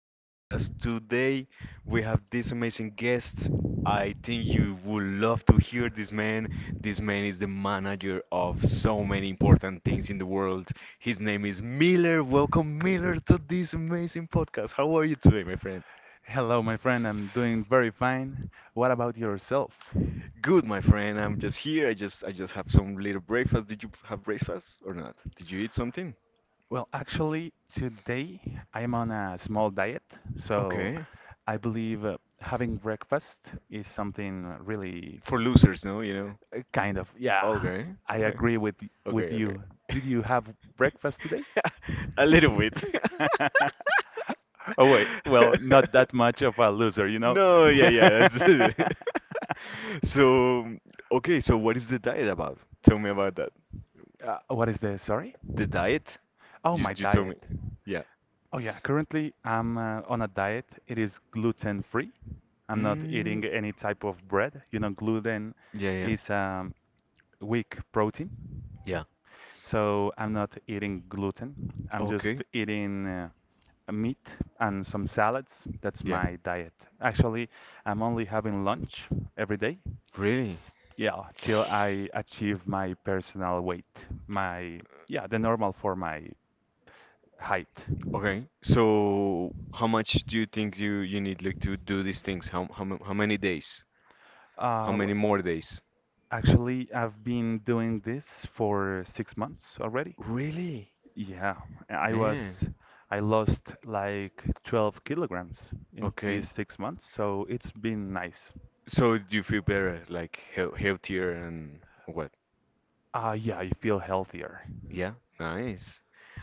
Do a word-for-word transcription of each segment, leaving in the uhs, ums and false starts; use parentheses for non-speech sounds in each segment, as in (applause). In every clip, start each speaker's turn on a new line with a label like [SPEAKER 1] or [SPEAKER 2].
[SPEAKER 1] Podcast today, we have this amazing guest. I think you would love to hear this man. This man is the manager of so many important things in the world. His name is Miller. Welcome, Miller, to this amazing podcast. How are you today, my friend?
[SPEAKER 2] Hello, my friend. I'm doing very fine. What about yourself?
[SPEAKER 1] Good, my friend. I'm just here. I just I just have some little breakfast. Did you have breakfast or not? Did you eat something?
[SPEAKER 2] Well, actually, today I'm on a small diet, so
[SPEAKER 1] Okay.
[SPEAKER 2] I believe uh, having breakfast is something really
[SPEAKER 1] For losers, no, you know.
[SPEAKER 2] uh, kind of, yeah,
[SPEAKER 1] Okay,
[SPEAKER 2] I
[SPEAKER 1] okay,
[SPEAKER 2] agree with y- with
[SPEAKER 1] okay, okay.
[SPEAKER 2] you. Did you have breakfast today?
[SPEAKER 1] (laughs) A little bit. (laughs)
[SPEAKER 2] (laughs) Oh wait, well, not that much of a loser, you know?
[SPEAKER 1] No, yeah, yeah,
[SPEAKER 2] (laughs)
[SPEAKER 1] that's it. (laughs) So, okay, so what is the diet about? Tell me about that.
[SPEAKER 2] Uh, what is the, sorry?
[SPEAKER 1] The diet?
[SPEAKER 2] Oh,
[SPEAKER 1] You
[SPEAKER 2] my
[SPEAKER 1] you told me.
[SPEAKER 2] diet.
[SPEAKER 1] Yeah.
[SPEAKER 2] Oh yeah, currently I'm uh, on a diet. It is gluten free. I'm not
[SPEAKER 1] Mm,
[SPEAKER 2] eating any type of bread. You know, gluten
[SPEAKER 1] yeah, yeah.
[SPEAKER 2] is um, weak protein,
[SPEAKER 1] Yeah.
[SPEAKER 2] so I'm not eating gluten. I'm just
[SPEAKER 1] Okay.
[SPEAKER 2] eating uh, a meat and some salads. That's
[SPEAKER 1] Yeah.
[SPEAKER 2] my diet. Actually, I'm only having lunch every day.
[SPEAKER 1] Really?
[SPEAKER 2] S- yeah, till I achieve my personal weight, my yeah, the normal for my height.
[SPEAKER 1] Okay. So how much do you think you you need like to do these things? How how mu- how many days?
[SPEAKER 2] Uh,
[SPEAKER 1] How
[SPEAKER 2] w-
[SPEAKER 1] many more days?
[SPEAKER 2] Actually, I've been doing this for six months already.
[SPEAKER 1] Really?
[SPEAKER 2] Yeah, I was,
[SPEAKER 1] Man.
[SPEAKER 2] I lost like twelve kilograms in these
[SPEAKER 1] Okay.
[SPEAKER 2] six months, so it's been nice.
[SPEAKER 1] So do you feel better, like heal- healthier and what?
[SPEAKER 2] Ah, yeah, I feel healthier.
[SPEAKER 1] Yeah, nice.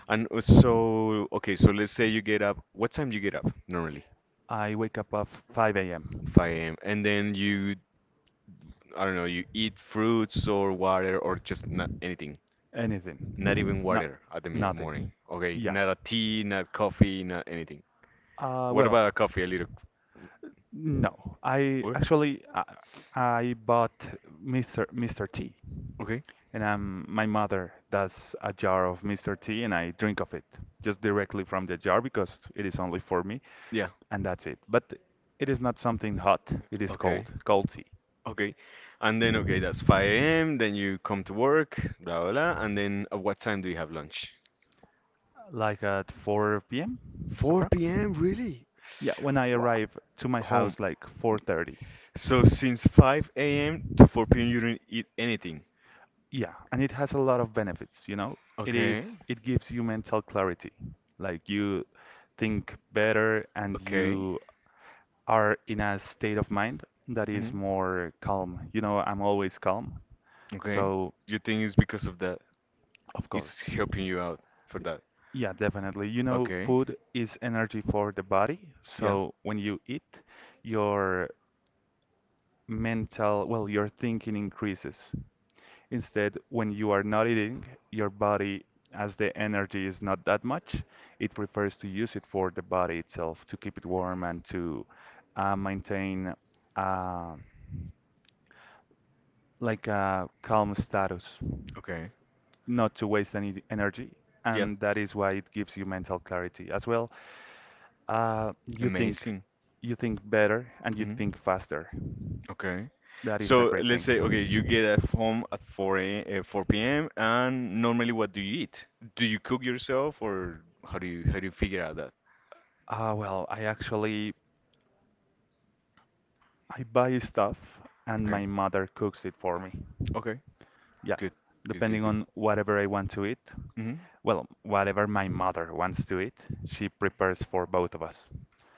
[SPEAKER 1] And uh, so, okay, so let's say you get up. What time do you get up normally?
[SPEAKER 2] I wake up at five a m.
[SPEAKER 1] five a m. And then you, I don't know, you eat fruits or water or just not anything. Not even
[SPEAKER 2] Anything. No,
[SPEAKER 1] water at the mi- morning.
[SPEAKER 2] nothing.
[SPEAKER 1] Okay,
[SPEAKER 2] Yeah.
[SPEAKER 1] not a tea, not coffee, not anything.
[SPEAKER 2] Uh,
[SPEAKER 1] What
[SPEAKER 2] well,
[SPEAKER 1] about a coffee? A little.
[SPEAKER 2] no. I
[SPEAKER 1] What?
[SPEAKER 2] actually I, I bought mister mister T.
[SPEAKER 1] Okay.
[SPEAKER 2] And um, my mother does a jar of mister T, and I drink of it just directly from the jar because it is only for me,
[SPEAKER 1] Yeah.
[SPEAKER 2] and that's it. But it is not something hot, it is
[SPEAKER 1] Okay.
[SPEAKER 2] cold, cold tea.
[SPEAKER 1] Okay. And then okay, that's five a m. Then you come to work, blah blah blah. And then at what time do you have lunch?
[SPEAKER 2] Like at four p m
[SPEAKER 1] 4
[SPEAKER 2] approx.
[SPEAKER 1] p.m. Really?
[SPEAKER 2] Yeah, when I
[SPEAKER 1] Wow.
[SPEAKER 2] arrive to my
[SPEAKER 1] Home.
[SPEAKER 2] house like four thirty.
[SPEAKER 1] So since five a m to four p m you didn't eat anything.
[SPEAKER 2] Yeah, and it has a lot of benefits, you know. It
[SPEAKER 1] Okay.
[SPEAKER 2] is it gives you mental clarity. Like you think better and
[SPEAKER 1] Okay.
[SPEAKER 2] you are in a state of mind that
[SPEAKER 1] Hmm.
[SPEAKER 2] is more calm. You know, I'm always calm.
[SPEAKER 1] Okay.
[SPEAKER 2] So,
[SPEAKER 1] You think it's because of that?
[SPEAKER 2] of
[SPEAKER 1] It's
[SPEAKER 2] course.
[SPEAKER 1] helping you out for that.
[SPEAKER 2] Yeah, definitely. You know,
[SPEAKER 1] Okay.
[SPEAKER 2] food is energy for the body.
[SPEAKER 1] Yeah.
[SPEAKER 2] So when you eat, your mental, well, your thinking increases. Instead, when you are not eating, your body, as the energy is not that much, it prefers to use it for the body itself to keep it warm and to uh, maintain uh, like a calm status,
[SPEAKER 1] Okay.
[SPEAKER 2] not to waste any energy,
[SPEAKER 1] Yeah.
[SPEAKER 2] and that is why it gives you mental clarity as well. Uh, you think
[SPEAKER 1] Amazing.
[SPEAKER 2] you think better and you
[SPEAKER 1] Hmm.
[SPEAKER 2] think faster.
[SPEAKER 1] Okay.
[SPEAKER 2] That is a
[SPEAKER 1] So
[SPEAKER 2] great
[SPEAKER 1] let's say
[SPEAKER 2] thing.
[SPEAKER 1] okay, you get at home at four a, uh, four p m and normally what do you eat? Do you cook yourself or how do you how do you figure out that?
[SPEAKER 2] Uh, well, I actually I buy stuff and
[SPEAKER 1] Okay.
[SPEAKER 2] my mother cooks it for me.
[SPEAKER 1] Okay.
[SPEAKER 2] Yeah,
[SPEAKER 1] Good. Good. Good.
[SPEAKER 2] depending
[SPEAKER 1] Good.
[SPEAKER 2] on whatever I want to eat.
[SPEAKER 1] Mhm.
[SPEAKER 2] Well, whatever my mother wants to eat, she prepares for both of us.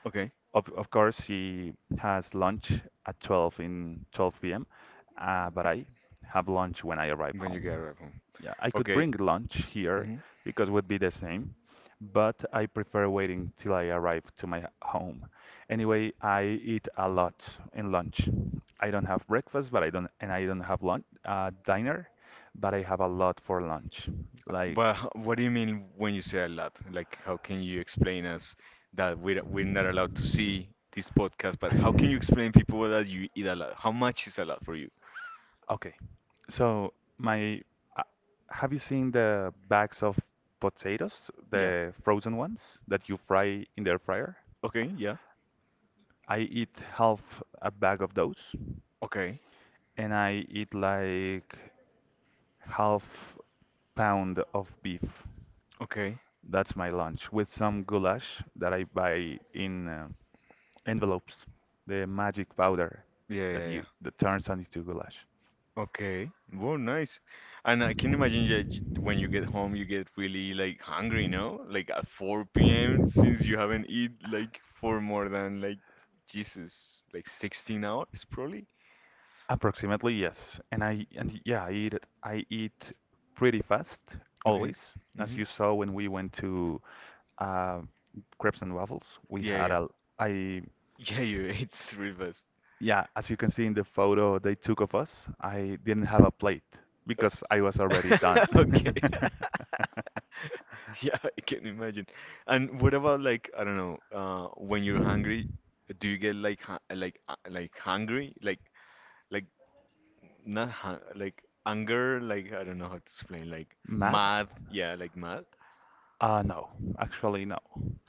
[SPEAKER 1] Okay.
[SPEAKER 2] Of, of course, she has lunch at twelve in twelve p m, uh, but I have lunch when I arrive
[SPEAKER 1] When you get
[SPEAKER 2] home.
[SPEAKER 1] arrive home.
[SPEAKER 2] Yeah, I could
[SPEAKER 1] Okay.
[SPEAKER 2] bring lunch here
[SPEAKER 1] Mhm.
[SPEAKER 2] because it would be the same, but I prefer waiting till I arrive to my home. Anyway, I eat a lot in lunch. I don't have breakfast, but I don't, and I don't have lunch, uh, dinner, but I have a lot for lunch. Like
[SPEAKER 1] But h- what do you mean when you say a lot? Like, how can you explain us that we're we're not allowed to see this podcast? But how can you explain people that you eat a lot? How much is a lot for you?
[SPEAKER 2] okay. So my, uh, have you seen the bags of potatoes,
[SPEAKER 1] Yeah.
[SPEAKER 2] the frozen ones that you fry in the air fryer?
[SPEAKER 1] Okay. Yeah.
[SPEAKER 2] I eat half a bag of those,
[SPEAKER 1] Okay.
[SPEAKER 2] and I eat like half pound of beef.
[SPEAKER 1] Okay.
[SPEAKER 2] That's my lunch with some goulash that I buy in uh, envelopes, the magic powder
[SPEAKER 1] Yeah.
[SPEAKER 2] that
[SPEAKER 1] Yeah. Yeah.
[SPEAKER 2] you that turns on into goulash.
[SPEAKER 1] Okay. Well, nice. And I can imagine that y- when you get home, you get really like hungry, no? Like at four p m since you haven't eaten like for more than like Jesus, like sixteen hours probably.
[SPEAKER 2] Approximately, yes. And I and yeah, I eat I eat pretty fast
[SPEAKER 1] Okay.
[SPEAKER 2] always. As
[SPEAKER 1] Mm-hmm.
[SPEAKER 2] you saw when we went to uh, Crepes and Waffles, we
[SPEAKER 1] Yeah,
[SPEAKER 2] had
[SPEAKER 1] yeah.
[SPEAKER 2] a I
[SPEAKER 1] Yeah, you (laughs) ate really fast.
[SPEAKER 2] yeah, as you can see in the photo they took of us, I didn't have a plate because I was already done.
[SPEAKER 1] (laughs) Okay. (laughs)
[SPEAKER 2] (laughs)
[SPEAKER 1] Yeah, I can imagine. And what about like I don't know, uh, when you're hungry, do you get like hu- like uh, like hungry, like like not hu- like anger, like I don't know how to explain, like
[SPEAKER 2] Mad?
[SPEAKER 1] mad, yeah, like mad.
[SPEAKER 2] Uh, no, actually no.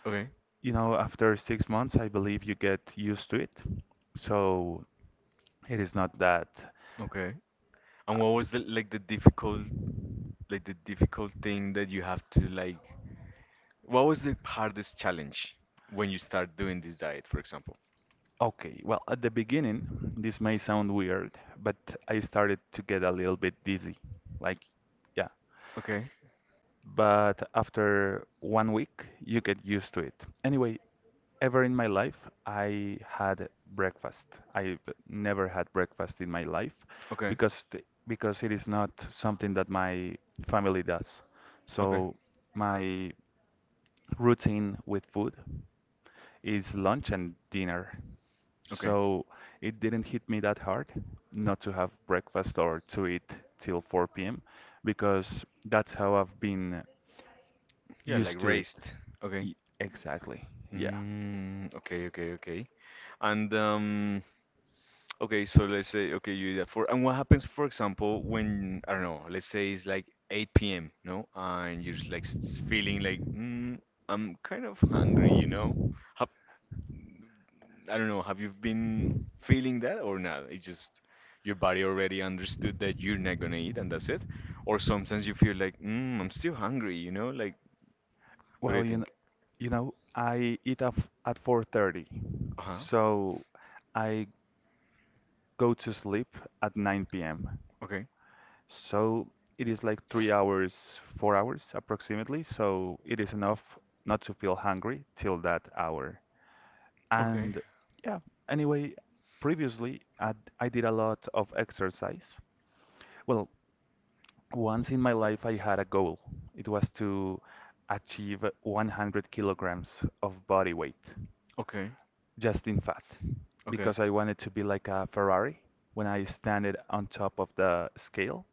[SPEAKER 1] Okay,
[SPEAKER 2] You know, after six months, I believe you get used to it. So it is not that.
[SPEAKER 1] okay. And what was the like the difficult like the difficult thing that you have to like? What was the hardest challenge when you start doing this diet, for example?
[SPEAKER 2] Okay, well, at the beginning, this may sound weird, but I started to get a little bit dizzy. Like, yeah.
[SPEAKER 1] Okay.
[SPEAKER 2] But after one week, you get used to it. Anyway, ever in my life, I had breakfast. I've never had breakfast in my life
[SPEAKER 1] Okay.
[SPEAKER 2] because the, because it is not something that my family does.
[SPEAKER 1] Okay.
[SPEAKER 2] So my routine with food is lunch and dinner.
[SPEAKER 1] Okay.
[SPEAKER 2] So it didn't hit me that hard not to have breakfast or to eat till four p m because that's how I've been
[SPEAKER 1] Yeah, like
[SPEAKER 2] used to it.
[SPEAKER 1] raised. Okay.
[SPEAKER 2] Y- Exactly. Yeah.
[SPEAKER 1] Mm, okay, okay, okay. And um, okay, so let's say okay, you do that for and what happens, for example, when I don't know, let's say it's like eight p m, no, and you're just like s- feeling like mm, I'm kind of hungry, you know? Hap I don't know, have you been feeling that or not? It's just your body already understood that you're not gonna eat and that's it. Or sometimes you feel like, mm, I'm still hungry, you know? Like, what do
[SPEAKER 2] Well,
[SPEAKER 1] you
[SPEAKER 2] you know,
[SPEAKER 1] think?
[SPEAKER 2] you know, I eat up at four thirty.
[SPEAKER 1] Uh-huh.
[SPEAKER 2] So I go to sleep at nine p m.
[SPEAKER 1] Okay.
[SPEAKER 2] So it is like three hours, four hours approximately. So it is enough not to feel hungry till that hour.
[SPEAKER 1] Okay.
[SPEAKER 2] And yeah, anyway, previously I, I did a lot of exercise. Well, once in my life I had a goal. It was to achieve one hundred kilograms of body weight,
[SPEAKER 1] Okay.
[SPEAKER 2] just in fat,
[SPEAKER 1] Okay. Okay.
[SPEAKER 2] because I wanted to be like a Ferrari. When I standed on top of the scale,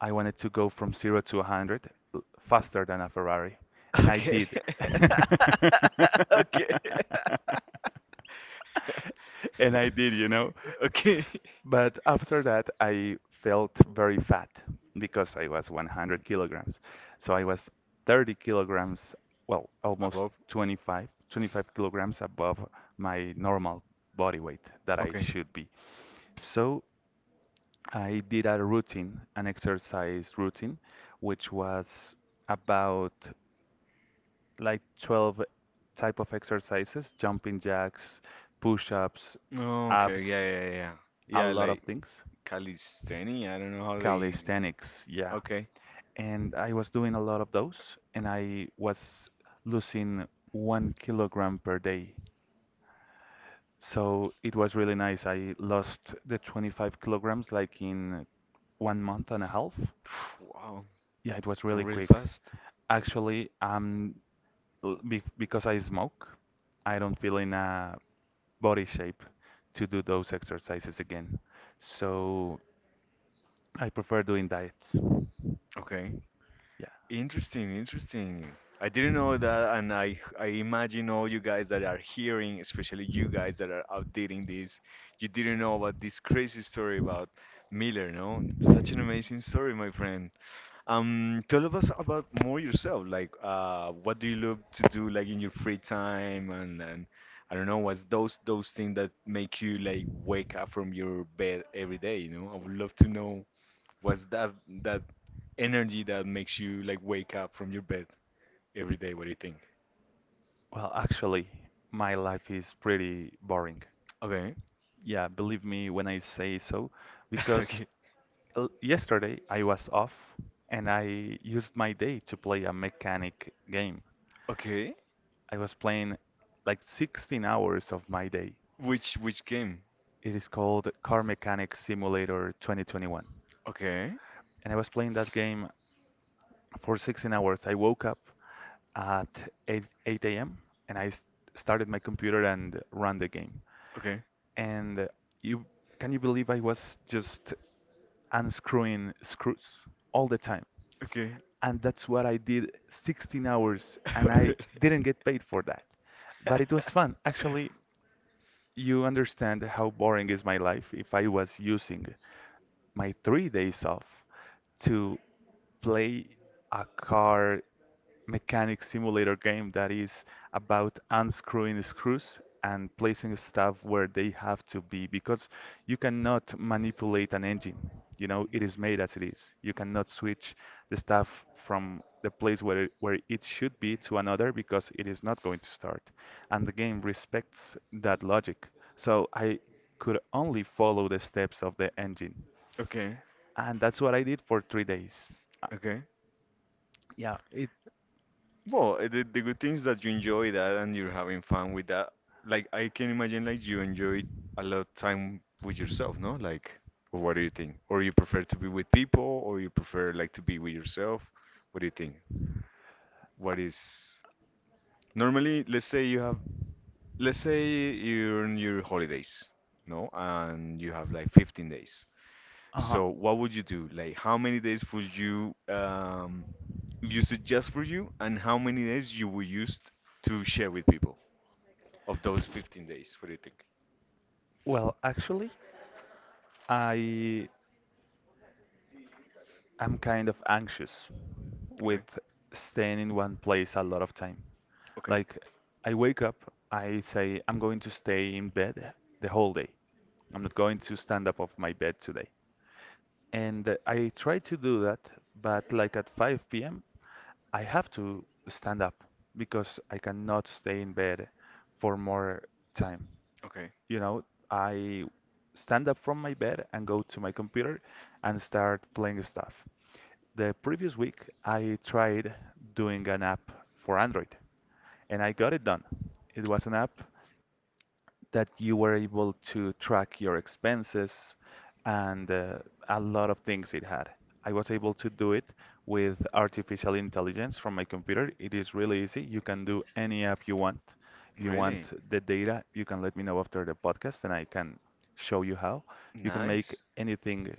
[SPEAKER 2] I wanted to go from zero to one hundred l- faster than a Ferrari, and I did.
[SPEAKER 1] (laughs) Okay.
[SPEAKER 2] (laughs)
[SPEAKER 1] (laughs)
[SPEAKER 2] And I did, you know.
[SPEAKER 1] (laughs) Okay.
[SPEAKER 2] But after that, I felt very fat because I was one hundred kilograms. So I was thirty kilograms, well, almost
[SPEAKER 1] Above.
[SPEAKER 2] twenty-five twenty-five kilograms above my normal body weight that I
[SPEAKER 1] Okay.
[SPEAKER 2] should be. So I did a routine, an exercise routine, which was about like twelve type of exercises, jumping jacks, push-ups, okay,
[SPEAKER 1] Oh, okay. Yeah,
[SPEAKER 2] abs,
[SPEAKER 1] yeah, yeah.
[SPEAKER 2] yeah, a yeah,
[SPEAKER 1] Yeah,
[SPEAKER 2] yeah. lot of
[SPEAKER 1] like
[SPEAKER 2] things.
[SPEAKER 1] calisthenics. I don't know how they.
[SPEAKER 2] Calisthenics, yeah.
[SPEAKER 1] Okay.
[SPEAKER 2] And I was doing a lot of those, and I was losing one kilogram per day. So it was really nice. I lost the twenty-five kilograms like in one month and a half.
[SPEAKER 1] (sighs) Wow.
[SPEAKER 2] Yeah, it was really
[SPEAKER 1] Really
[SPEAKER 2] quick.
[SPEAKER 1] fast.
[SPEAKER 2] Actually, I'm l- be- because I smoke, I don't feel in a body shape to do those exercises again. So I prefer doing diets.
[SPEAKER 1] Okay.
[SPEAKER 2] Yeah.
[SPEAKER 1] Interesting, interesting. I didn't know that, and I I imagine all you guys that are hearing, especially you guys that are updating this, you didn't know about this crazy story about Miller, no? Such an amazing story, my friend. Um, tell us about more yourself. Like, uh, what do you love to do, like in your free time, and and I don't know, what's those those things that make you like wake up from your bed every day, you know? I would love to know what's that that energy that makes you like wake up from your bed every day? What do you think?
[SPEAKER 2] Well, actually, my life is pretty boring.
[SPEAKER 1] Okay.
[SPEAKER 2] Yeah, believe me when I say so,
[SPEAKER 1] (laughs)
[SPEAKER 2] because
[SPEAKER 1] Okay.
[SPEAKER 2] l- yesterday I was off and I used my day to play a mechanic game.
[SPEAKER 1] Okay.
[SPEAKER 2] I was playing like sixteen hours of my day.
[SPEAKER 1] Which which game?
[SPEAKER 2] It is called Car Mechanic Simulator twenty twenty-one.
[SPEAKER 1] Okay.
[SPEAKER 2] And I was playing that game for sixteen hours. I woke up at eight eight a m and I s- started my computer and ran the game.
[SPEAKER 1] Okay.
[SPEAKER 2] And uh, you can you believe I was just unscrewing screws all the time.
[SPEAKER 1] Okay. (laughs)
[SPEAKER 2] And that's what I did sixteen hours and
[SPEAKER 1] Really?
[SPEAKER 2] I didn't get paid for that. But it was fun. Actually,
[SPEAKER 1] (laughs)
[SPEAKER 2] you understand how boring is my life if I was using my three days off to play a car mechanic simulator game that is about unscrewing screws and placing stuff where they have to be because you cannot manipulate an engine. You know, it is made as it is. You cannot switch the stuff from the place where it, where it should be to another because it is not going to start. And the game respects that logic. So I could only follow the steps of the engine.
[SPEAKER 1] Okay.
[SPEAKER 2] And that's what I did for three days. Uh,
[SPEAKER 1] Okay.
[SPEAKER 2] Yeah, it,
[SPEAKER 1] Well, uh, the, the good thing is that you enjoy that and you're having fun with that. Like I can imagine like you enjoy a lot of time with yourself, no? Like, or what do you think? Or you prefer to be with people, or you prefer like to be with yourself? What do you think? What is normally, let's say you have, let's say you're on your holidays, no? And you have like fifteen days.
[SPEAKER 2] uh-huh.
[SPEAKER 1] So what would you do? Like, how many days would you um use it just for you, and how many days you would use to share with people? Of those fifteen days. What do you think?
[SPEAKER 2] Well, actually, I I'm kind of anxious
[SPEAKER 1] Okay,
[SPEAKER 2] with staying in one place a lot of time.
[SPEAKER 1] okay,
[SPEAKER 2] Like, I wake up, I say, I'm going to stay in bed the whole day. I'm not going to stand up off my bed today. And uh, I try to do that, but like at five p m, I have to stand up because I cannot stay in bed for more time.
[SPEAKER 1] okay.
[SPEAKER 2] You know, I stand up from my bed and go to my computer and start playing stuff. The previous week, I tried doing an app for Android and I got it done. It was an app that you were able to track your expenses and uh, a lot of things it had. I was able to do it with artificial intelligence from my computer. It is really easy. You can do any app you want. If you want
[SPEAKER 1] Really?
[SPEAKER 2] the data, you can let me know after the podcast and I can show you how. You can make
[SPEAKER 1] Nice.
[SPEAKER 2] anything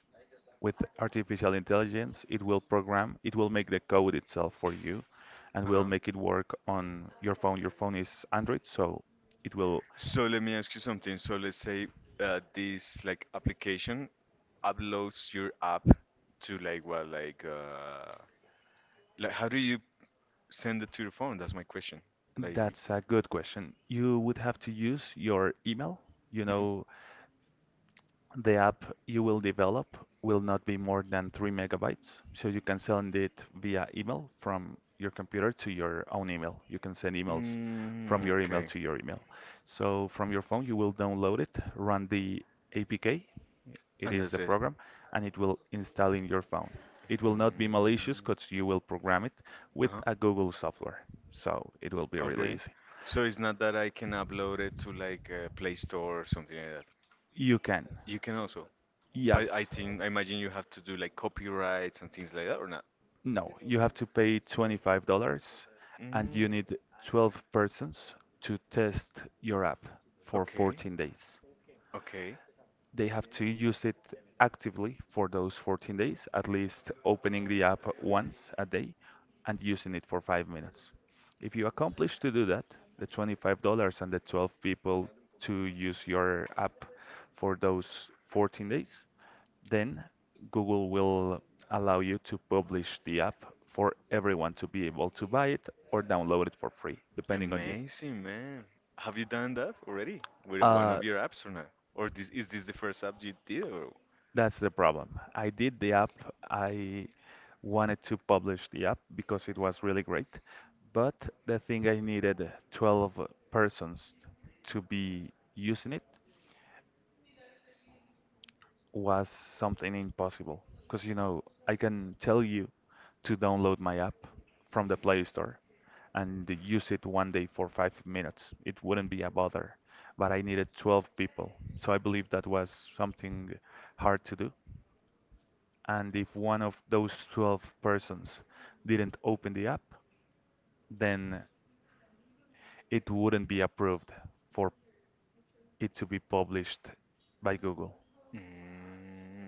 [SPEAKER 2] with artificial intelligence. It will program, it will make the code itself for you and will
[SPEAKER 1] Uh-huh.
[SPEAKER 2] make it work on your phone. Your phone is Android, so it will.
[SPEAKER 1] So let me ask you something. So let's say uh, this like application uploads your app to like what like uh like how do you send it to your phone? That's my question. Like
[SPEAKER 2] That's a good question. You would have to use your email. You
[SPEAKER 1] mhm.
[SPEAKER 2] know, the app you will develop will not be more than three megabytes, so you can send it via email from your computer to your own email. You can send emails
[SPEAKER 1] Mm,
[SPEAKER 2] from
[SPEAKER 1] directly
[SPEAKER 2] your email
[SPEAKER 1] okay, to
[SPEAKER 2] to your email. So from your phone, you will download it, run the A P K, it
[SPEAKER 1] and
[SPEAKER 2] is
[SPEAKER 1] that's
[SPEAKER 2] the
[SPEAKER 1] the understood.
[SPEAKER 2] program, and it will install in your phone. It will not be malicious
[SPEAKER 1] Mm,
[SPEAKER 2] because you will program it with
[SPEAKER 1] with uh-huh.
[SPEAKER 2] a
[SPEAKER 1] It
[SPEAKER 2] Google software, so it will be
[SPEAKER 1] will
[SPEAKER 2] really
[SPEAKER 1] okay.
[SPEAKER 2] easy.
[SPEAKER 1] So it's not that I can upload it to like a Play Store or something like that.
[SPEAKER 2] You can.
[SPEAKER 1] You can also. But I
[SPEAKER 2] Yes.
[SPEAKER 1] think I imagine you have to do like copyrights and things like that or not?
[SPEAKER 2] No, you have to pay twenty-five dollars and you
[SPEAKER 1] Mm,
[SPEAKER 2] need twelve persons to test your app for
[SPEAKER 1] okay,
[SPEAKER 2] fourteen days,
[SPEAKER 1] okay.
[SPEAKER 2] they have to use it actively for those fourteen days, at least opening the app once a day and using it for five minutes. If you accomplish to do that, the twenty-five dollars and the twelve people to use your app for those fourteen days, then Google will allow you to publish the app for everyone to be able to buy it or download it for free, depending on you.
[SPEAKER 1] Amazing, man. Have you done that already with one
[SPEAKER 2] Uh,
[SPEAKER 1] of your apps or not? Or this is this the first app you did or?
[SPEAKER 2] That's the problem. I did the app. I wanted to publish the app because it was really great. But the thing I needed uh, twelve persons to be using it was something impossible. Because, you know, I can tell you to download my app from the Play Store and use it one day for five minutes. It wouldn't be a bother. But I needed twelve people. So I believe that was something hard to do. And if one of those twelve persons didn't open the app, then it wouldn't be approved for it to be published by Google.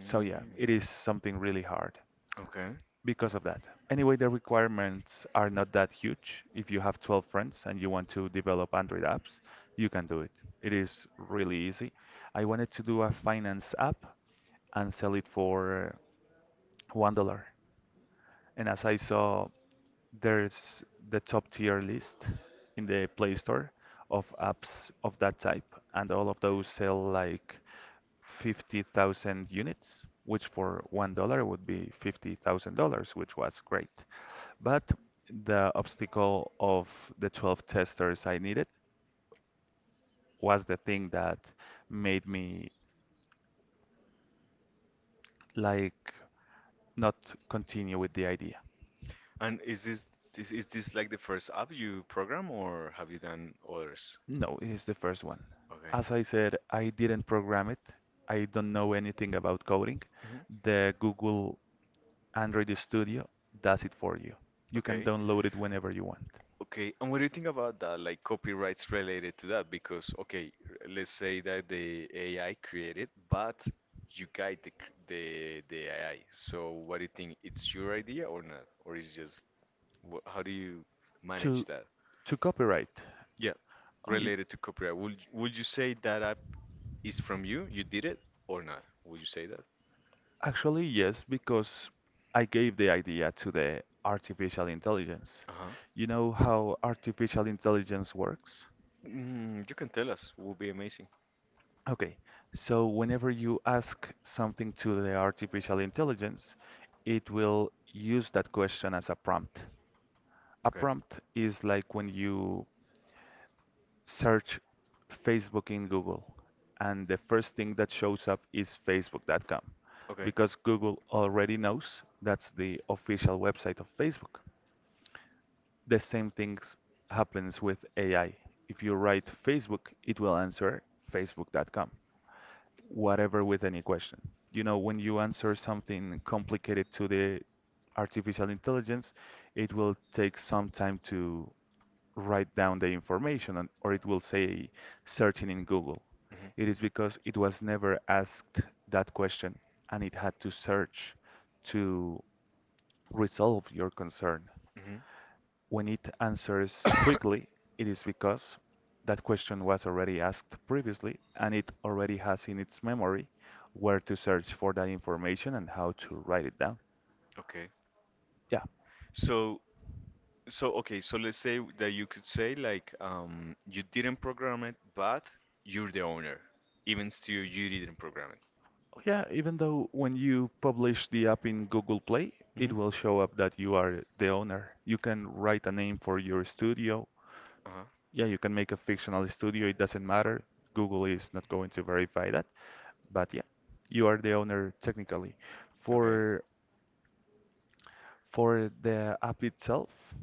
[SPEAKER 2] So yeah, it is something really hard
[SPEAKER 1] okay.
[SPEAKER 2] because of that. Anyway, the requirements are not that huge. If you have twelve friends and you want to develop Android apps, you can do it. It is really easy. I wanted to do a finance app and sell it for one dollar. And as I saw there's the top tier list in the Play Store of apps of that type, and all of those sell like fifty thousand units, which for one dollar would be fifty thousand dollars which was great. But the obstacle of the twelve testers I needed was the thing that made me like not continue with the idea.
[SPEAKER 1] And is this this is this like the first app you program or have you done others?
[SPEAKER 2] No, it is the first one.
[SPEAKER 1] Okay.
[SPEAKER 2] As I said, I didn't program it. I don't know anything about coding.
[SPEAKER 1] Mhm,
[SPEAKER 2] The Google Android Studio does it for you. You can
[SPEAKER 1] okay.
[SPEAKER 2] download it whenever you want.
[SPEAKER 1] Okay, and what do you think about that, like copyrights related to that? Because, okay, r- let's say that the A I created, but you guide the c- the, the A I. So, what do you think? It's your idea or not? Or is just wh how do you manage
[SPEAKER 2] To
[SPEAKER 1] that?
[SPEAKER 2] to copyright.
[SPEAKER 1] Yeah,
[SPEAKER 2] Oh, it-
[SPEAKER 1] related to copyright. Would would you say that app is from you? You did it or not? Would you say that?
[SPEAKER 2] Actually, yes, because I gave the idea to the artificial intelligence.
[SPEAKER 1] Uh-huh.
[SPEAKER 2] You know how artificial intelligence works?
[SPEAKER 1] Mm, you can tell us. Would be amazing.
[SPEAKER 2] Okay, so whenever you ask something to the artificial intelligence, it will use that question as a prompt. A
[SPEAKER 1] Okay.
[SPEAKER 2] prompt is like when you search Facebook in Google, and the first thing that shows up is facebook dot com,
[SPEAKER 1] Okay.
[SPEAKER 2] because Google already knows that's the official website of Facebook. The same thing happens with A I. If you write Facebook, it will answer facebook dot com. whatever with any question. You know, when you answer something complicated to the artificial intelligence, it will take some time to write down the information, and, or it will say searching in Google. It is because it was never asked that question and it had to search to resolve your concern.
[SPEAKER 1] Hmm.
[SPEAKER 2] When it answers quickly, it is because that question was already asked previously and it already has in its memory where to search for that information and how to write it down.
[SPEAKER 1] Okay.
[SPEAKER 2] Yeah.
[SPEAKER 1] So, so okay. So let's say that you could say like, um, you didn't program it, but you're the owner. Even still, you didn't program it.
[SPEAKER 2] Oh, yeah, even though when you publish the app in Google Play, it
[SPEAKER 1] Hmm.
[SPEAKER 2] will show up that you are the owner. You can write a name for your studio.
[SPEAKER 1] Uh-huh.
[SPEAKER 2] Yeah, you can make a fictional studio, it doesn't matter. Google is not going to verify that. But yeah, you are the owner technically.
[SPEAKER 1] Okay.
[SPEAKER 2] For For the app itself,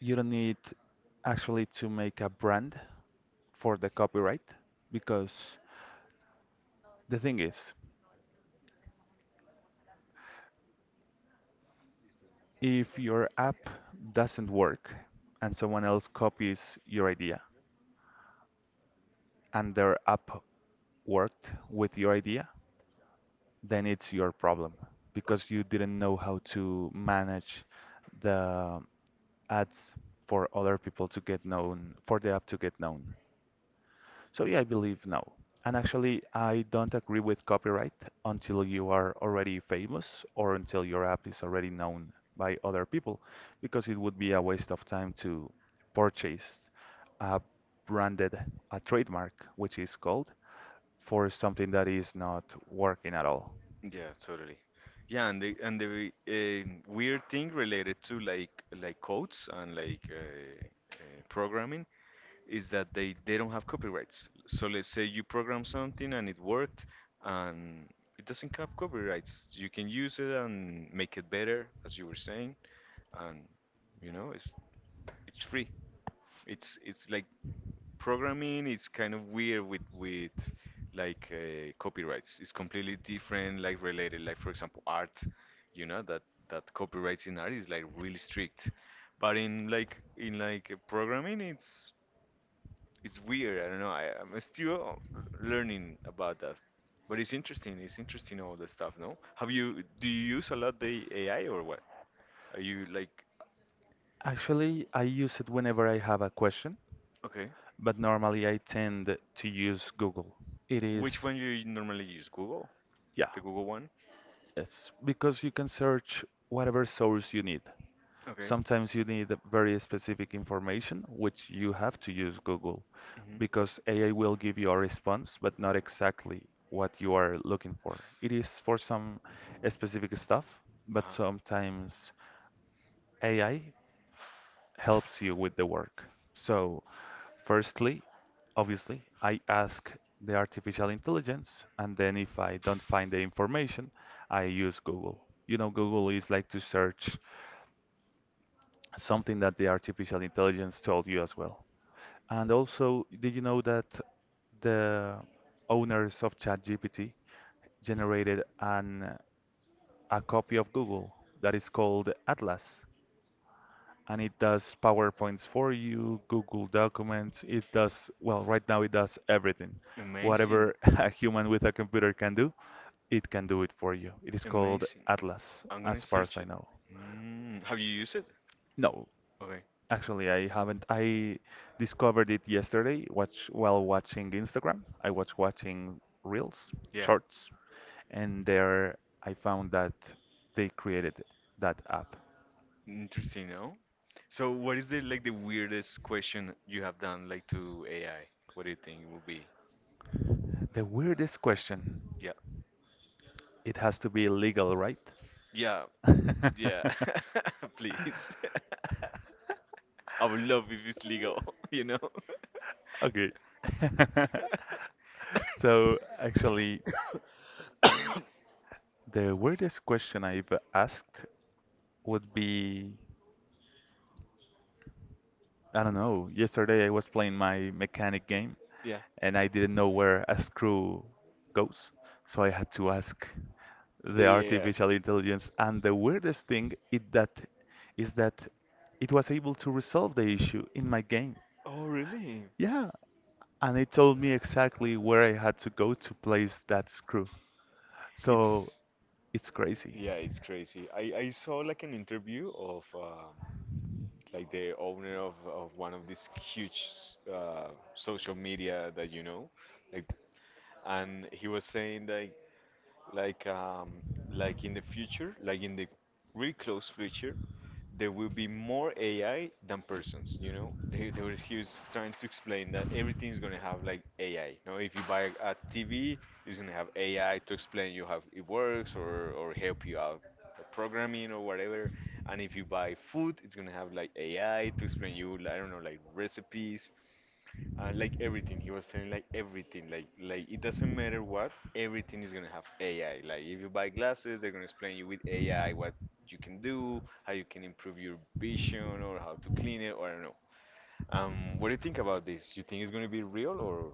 [SPEAKER 2] you don't need actually to make a brand for the copyright because the thing is, if your app doesn't work and someone else copies your idea and their app worked with your idea, then it's your problem because you didn't know how to manage the ads for other people to get known, for the app to get known. So yeah, I believe no. And actually, I don't agree with copyright until you are already famous or until your app is already known by other people, because it would be a waste of time to purchase a branded a trademark, which is called, for something that is not working at all.
[SPEAKER 1] Yeah, totally. Yeah, and the and the um weird thing related to like like codes and like uh, uh, programming is that they, they don't have copyrights. So let's say you program something and it worked and it doesn't have copyrights. You can use it and make it better, as you were saying, and you know it's it's free. It's it's like programming. It's kind of weird with with like uh, copyrights. It's completely different, like related. Like for example, art. You know that that copyrights in art is like really strict, but in like in like programming, it's it's weird. I don't know. I, I'm still learning about that, but it's interesting. It's interesting all the stuff. No, have you? Do you use a lot the A I or what? Are you like
[SPEAKER 2] Actually, I use it whenever I have a question,
[SPEAKER 1] okay?
[SPEAKER 2] but normally I tend to use Google. It
[SPEAKER 1] Which
[SPEAKER 2] is,
[SPEAKER 1] one you normally use? Google,
[SPEAKER 2] yeah.
[SPEAKER 1] the Google one.
[SPEAKER 2] Yes, because you can search whatever source you need.
[SPEAKER 1] Okay.
[SPEAKER 2] Sometimes you need very specific information, which you have to use Google,
[SPEAKER 1] Mhm.
[SPEAKER 2] because A I will give you a response, but not exactly what you are looking for. It is for some specific stuff, but
[SPEAKER 1] Uh-huh.
[SPEAKER 2] sometimes A I helps you with the work. So, firstly, obviously, I ask the artificial intelligence, and then if I don't find the information, I use Google. You know, Google is like to search something that the artificial intelligence told you as well. And also, did you know that the owners of ChatGPT generated an a copy of Google that is called Atlas. And it does PowerPoints for you, Google Documents. It does, well, right now it does everything.
[SPEAKER 1] Amazing.
[SPEAKER 2] Whatever (laughs) a human with a computer can do, it can do it for you. It is called
[SPEAKER 1] Amazing.
[SPEAKER 2] Atlas,
[SPEAKER 1] I'm gonna
[SPEAKER 2] as far as
[SPEAKER 1] search
[SPEAKER 2] I
[SPEAKER 1] it.
[SPEAKER 2] know.
[SPEAKER 1] Mm, have you used it?
[SPEAKER 2] No,
[SPEAKER 1] Okay,
[SPEAKER 2] actually, I haven't. I discovered it yesterday watch, while watching Instagram. I was watching Reels,
[SPEAKER 1] yeah.
[SPEAKER 2] Shorts, and there I found that they created that app.
[SPEAKER 1] Interesting, no? So what is the like the weirdest question you have done like to A I? What do you think it would be?
[SPEAKER 2] The weirdest question.
[SPEAKER 1] Yeah.
[SPEAKER 2] It has to be legal, right?
[SPEAKER 1] Yeah.
[SPEAKER 2] (laughs)
[SPEAKER 1] Yeah. (laughs) Please. (laughs) I would love if it's legal, (laughs) you know? (coughs)
[SPEAKER 2] Okay. (laughs) So actually, the weirdest question I've asked would be, I don't know, yesterday I was playing my mechanic game
[SPEAKER 1] Yeah.
[SPEAKER 2] and I didn't know where a screw goes. So I had to ask the
[SPEAKER 1] Yeah.
[SPEAKER 2] artificial
[SPEAKER 1] The
[SPEAKER 2] intelligence. And the weirdest thing is that
[SPEAKER 1] A I.
[SPEAKER 2] is that it was able to resolve the issue in my game.
[SPEAKER 1] Oh, really? So
[SPEAKER 2] Yeah, and it told me exactly where I had to go to place that screw. So
[SPEAKER 1] it's
[SPEAKER 2] it's crazy.
[SPEAKER 1] yeah, it's crazy. I I saw like an interview of um like the owner of of one of these huge uh social media that you know, like and he was saying that like um like in the future, like in the really close future, there will be more A I than persons. You know, they, they was, he was trying to explain that everything's gonna have like A I. You know, if you buy a T V, it's gonna have A I to explain you how it works or or help you out with programming or whatever. And if you buy food, it's gonna have like A I to explain you, I don't know, like recipes and like everything he was telling, like everything, like like it doesn't matter what, everything is gonna have ai. Like if you buy glasses, they're gonna explain you with ai what you can do, how you can improve your vision or how to clean it, or I don't know. Um what do you think about this? You think it's gonna be real or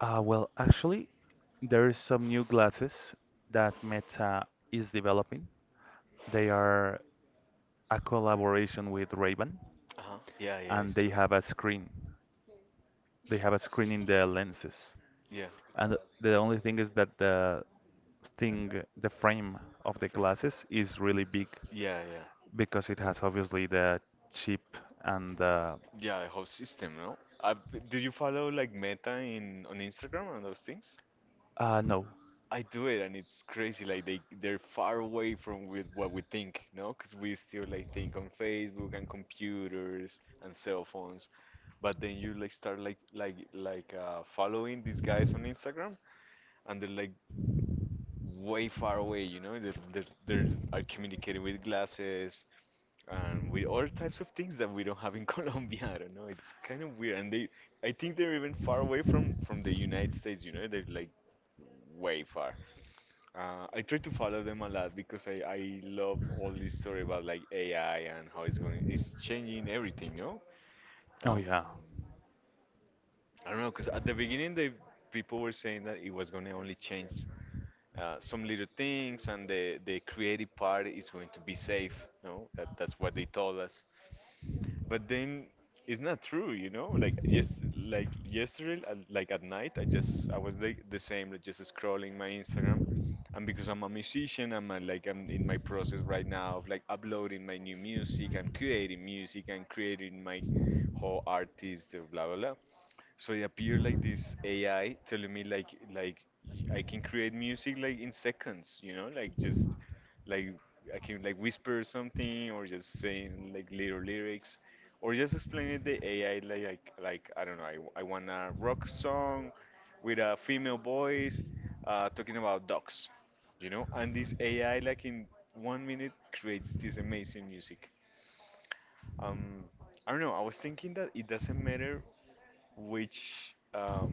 [SPEAKER 2] Uh, well, actually, there is some new glasses that Meta is developing. They are a collaboration with Ray-Ban,
[SPEAKER 1] uh-huh, yeah, yeah,
[SPEAKER 2] and
[SPEAKER 1] it's
[SPEAKER 2] they
[SPEAKER 1] true.
[SPEAKER 2] have a screen. They have a screen in the lenses.
[SPEAKER 1] Yeah.
[SPEAKER 2] And the only thing is that the thing, the frame of the
[SPEAKER 1] Different.
[SPEAKER 2] glasses is really big.
[SPEAKER 1] Yeah, yeah.
[SPEAKER 2] Because it has obviously the chip and the
[SPEAKER 1] Yeah, the whole system, no? Uh, b- do you follow like meta in on instagram and those things?
[SPEAKER 2] uh no.
[SPEAKER 1] I do it, and it's crazy. Like they they're far away from with what we think, no? Because we still like think on Facebook and computers and cell phones, but then you like start like like like uh, following these guys on Instagram, and they're like way far away. You know, they're they're, they're are communicating with glasses and with all types of things that we don't have in (laughs) Colombia. I don't know. It's kind of weird, and they, I think they're even far away from from the United States. You know, they're like way far. Uh, I try to follow them a lot because I, I love all this story about like A I and how it's going. It's changing everything, no?
[SPEAKER 2] Oh
[SPEAKER 1] Um,
[SPEAKER 2] yeah.
[SPEAKER 1] I don't know, because at the beginning the people were saying that it was going to only change uh, some little things, and the the creative part is going to be safe, no? That, that's what they told us. But then it's not true, you know? Like just like yesterday, at- like at night, I just I was like the same, like just scrolling my Instagram. And because I'm a musician, I'm uh like I'm in my process right now of like uploading my new music and creating music and creating my whole artist, uh, blah blah blah. So it appeared like this A I telling me like like y- I can create music like in seconds, you know, like just like I can like whisper something or just saying like little lyrics or just explaining the A I like like, like I don't know, I, w- I want a rock song with a female voice, uh, talking about dogs, you know, and this A I like in one minute creates this amazing music. Um, I don't know. I was thinking that it doesn't matter which um,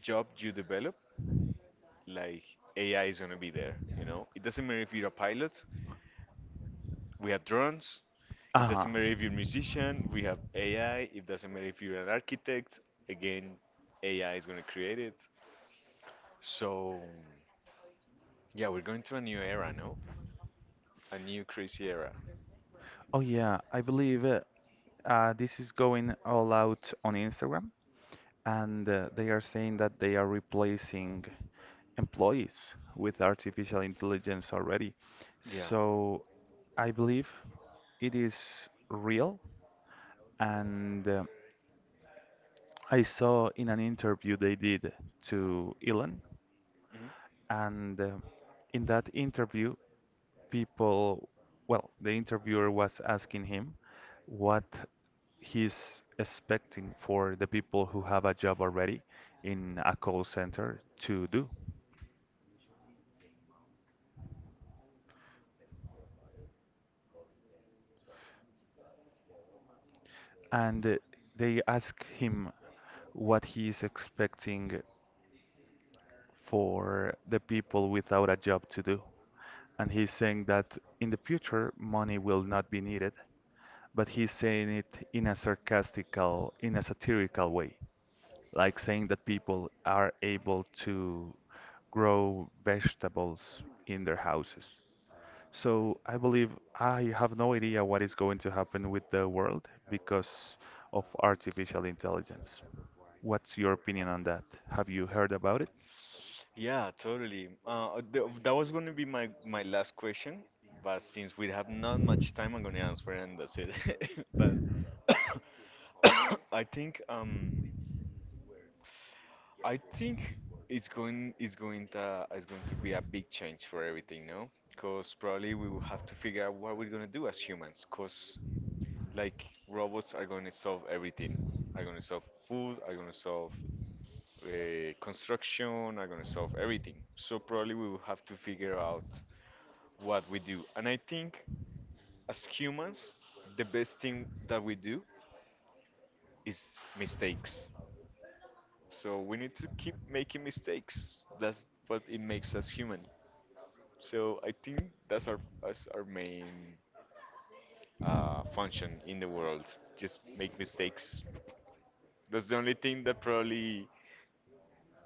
[SPEAKER 1] job you develop, like A I is gonna be there. You know, it doesn't matter if you're a pilot, we have drones. It
[SPEAKER 2] Uh-huh.
[SPEAKER 1] doesn't matter if you're a musician, we have A I. It doesn't matter if you're an architect, again, A I is gonna create it. So yeah, we're going to a new era, no? A new crazy era.
[SPEAKER 2] Oh yeah, I believe uh, uh, this is going all out on Instagram, and uh, they are saying that they are replacing employees with artificial intelligence already.
[SPEAKER 1] Yeah.
[SPEAKER 2] So I believe it is real, and uh, I saw in an interview they did to Elon, and uh, in that interview, people, well, the interviewer was asking him what he's expecting for the people who have a job already in a call center to do. And uh, they ask him what he is expecting for the people without a job to do. And he's saying that in the future, money will not be needed but he's saying it in a sarcastical, in a satirical way, like saying that people are able to grow vegetables in their houses. So I believe I have no idea what is going to happen with the world because of artificial intelligence. What's your opinion on that? Have you heard about it?
[SPEAKER 1] Yeah, totally. Uh, th that was going to be my my last question, but since we have not much time, I'm going to answer and that's it. (laughs) But (coughs) I think um I think it's going it's going to it's going to be a big change for everything, no? Because probably we will have to figure out what we're going to do as humans. Because like robots are going to solve everything. Are going to solve food. Are going to solve uh, construction, are going to solve everything. So probably we will have to figure out what we do. And I think as humans, the best thing that we do is mistakes. So we need to keep making mistakes. That's what it makes us human. So I think that's our that's our main uh, function in the world. Just make mistakes. That's the only thing that probably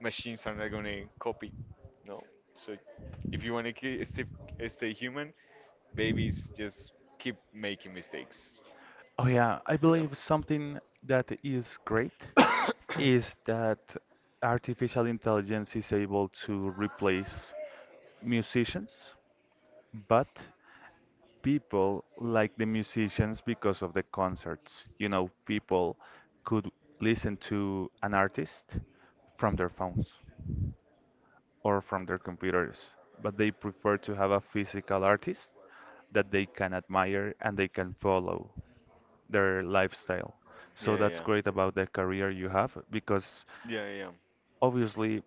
[SPEAKER 1] machines are not gonna copy. No. So if you wanna ki- stay stay human, babies, just keep making mistakes.
[SPEAKER 2] Oh yeah, I
[SPEAKER 1] (laughs) No.
[SPEAKER 2] believe something that is great is that artificial intelligence is able to replace musicians, but people like the musicians because of the concerts. You know, people could listen to an artist from their phones or from their computers, but they prefer to have a physical artist that they can admire and they can follow their lifestyle. So
[SPEAKER 1] Yeah,
[SPEAKER 2] that's
[SPEAKER 1] yeah.
[SPEAKER 2] great about the career you have because
[SPEAKER 1] Yeah, yeah.
[SPEAKER 2] obviously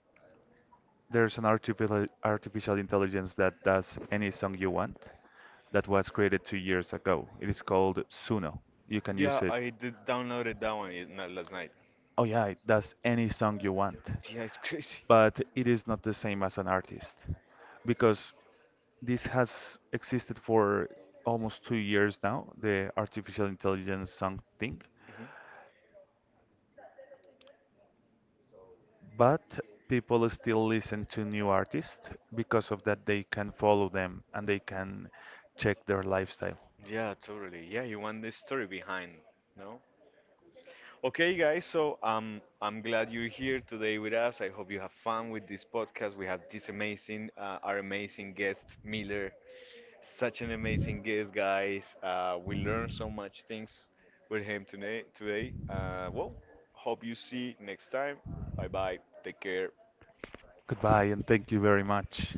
[SPEAKER 2] there's an artificial artificial intelligence that does any song you want that was created two years ago. It is called Suno. You can
[SPEAKER 1] Yeah,
[SPEAKER 2] use it.
[SPEAKER 1] I did downloaded that one in- not last night.
[SPEAKER 2] Oh yeah, it does any song you want.
[SPEAKER 1] Yeah, it's crazy.
[SPEAKER 2] But it is not the same as an artist because this has existed for almost two years now, the artificial intelligence song thing.
[SPEAKER 1] Mhm.
[SPEAKER 2] But people still listen to new artists because of that they can follow them and they can check their lifestyle.
[SPEAKER 1] Yeah, totally. Yeah, you want this story behind, no? Okay, guys, so um, I'm glad you're here today with us. I hope you have fun with this podcast. We have this amazing, uh, our amazing guest, Miller. Such an amazing guest, guys. Uh, we learned so much things with him today. Today, uh, well, hope you see next time. Bye bye. Take care.
[SPEAKER 2] Goodbye and thank you very much.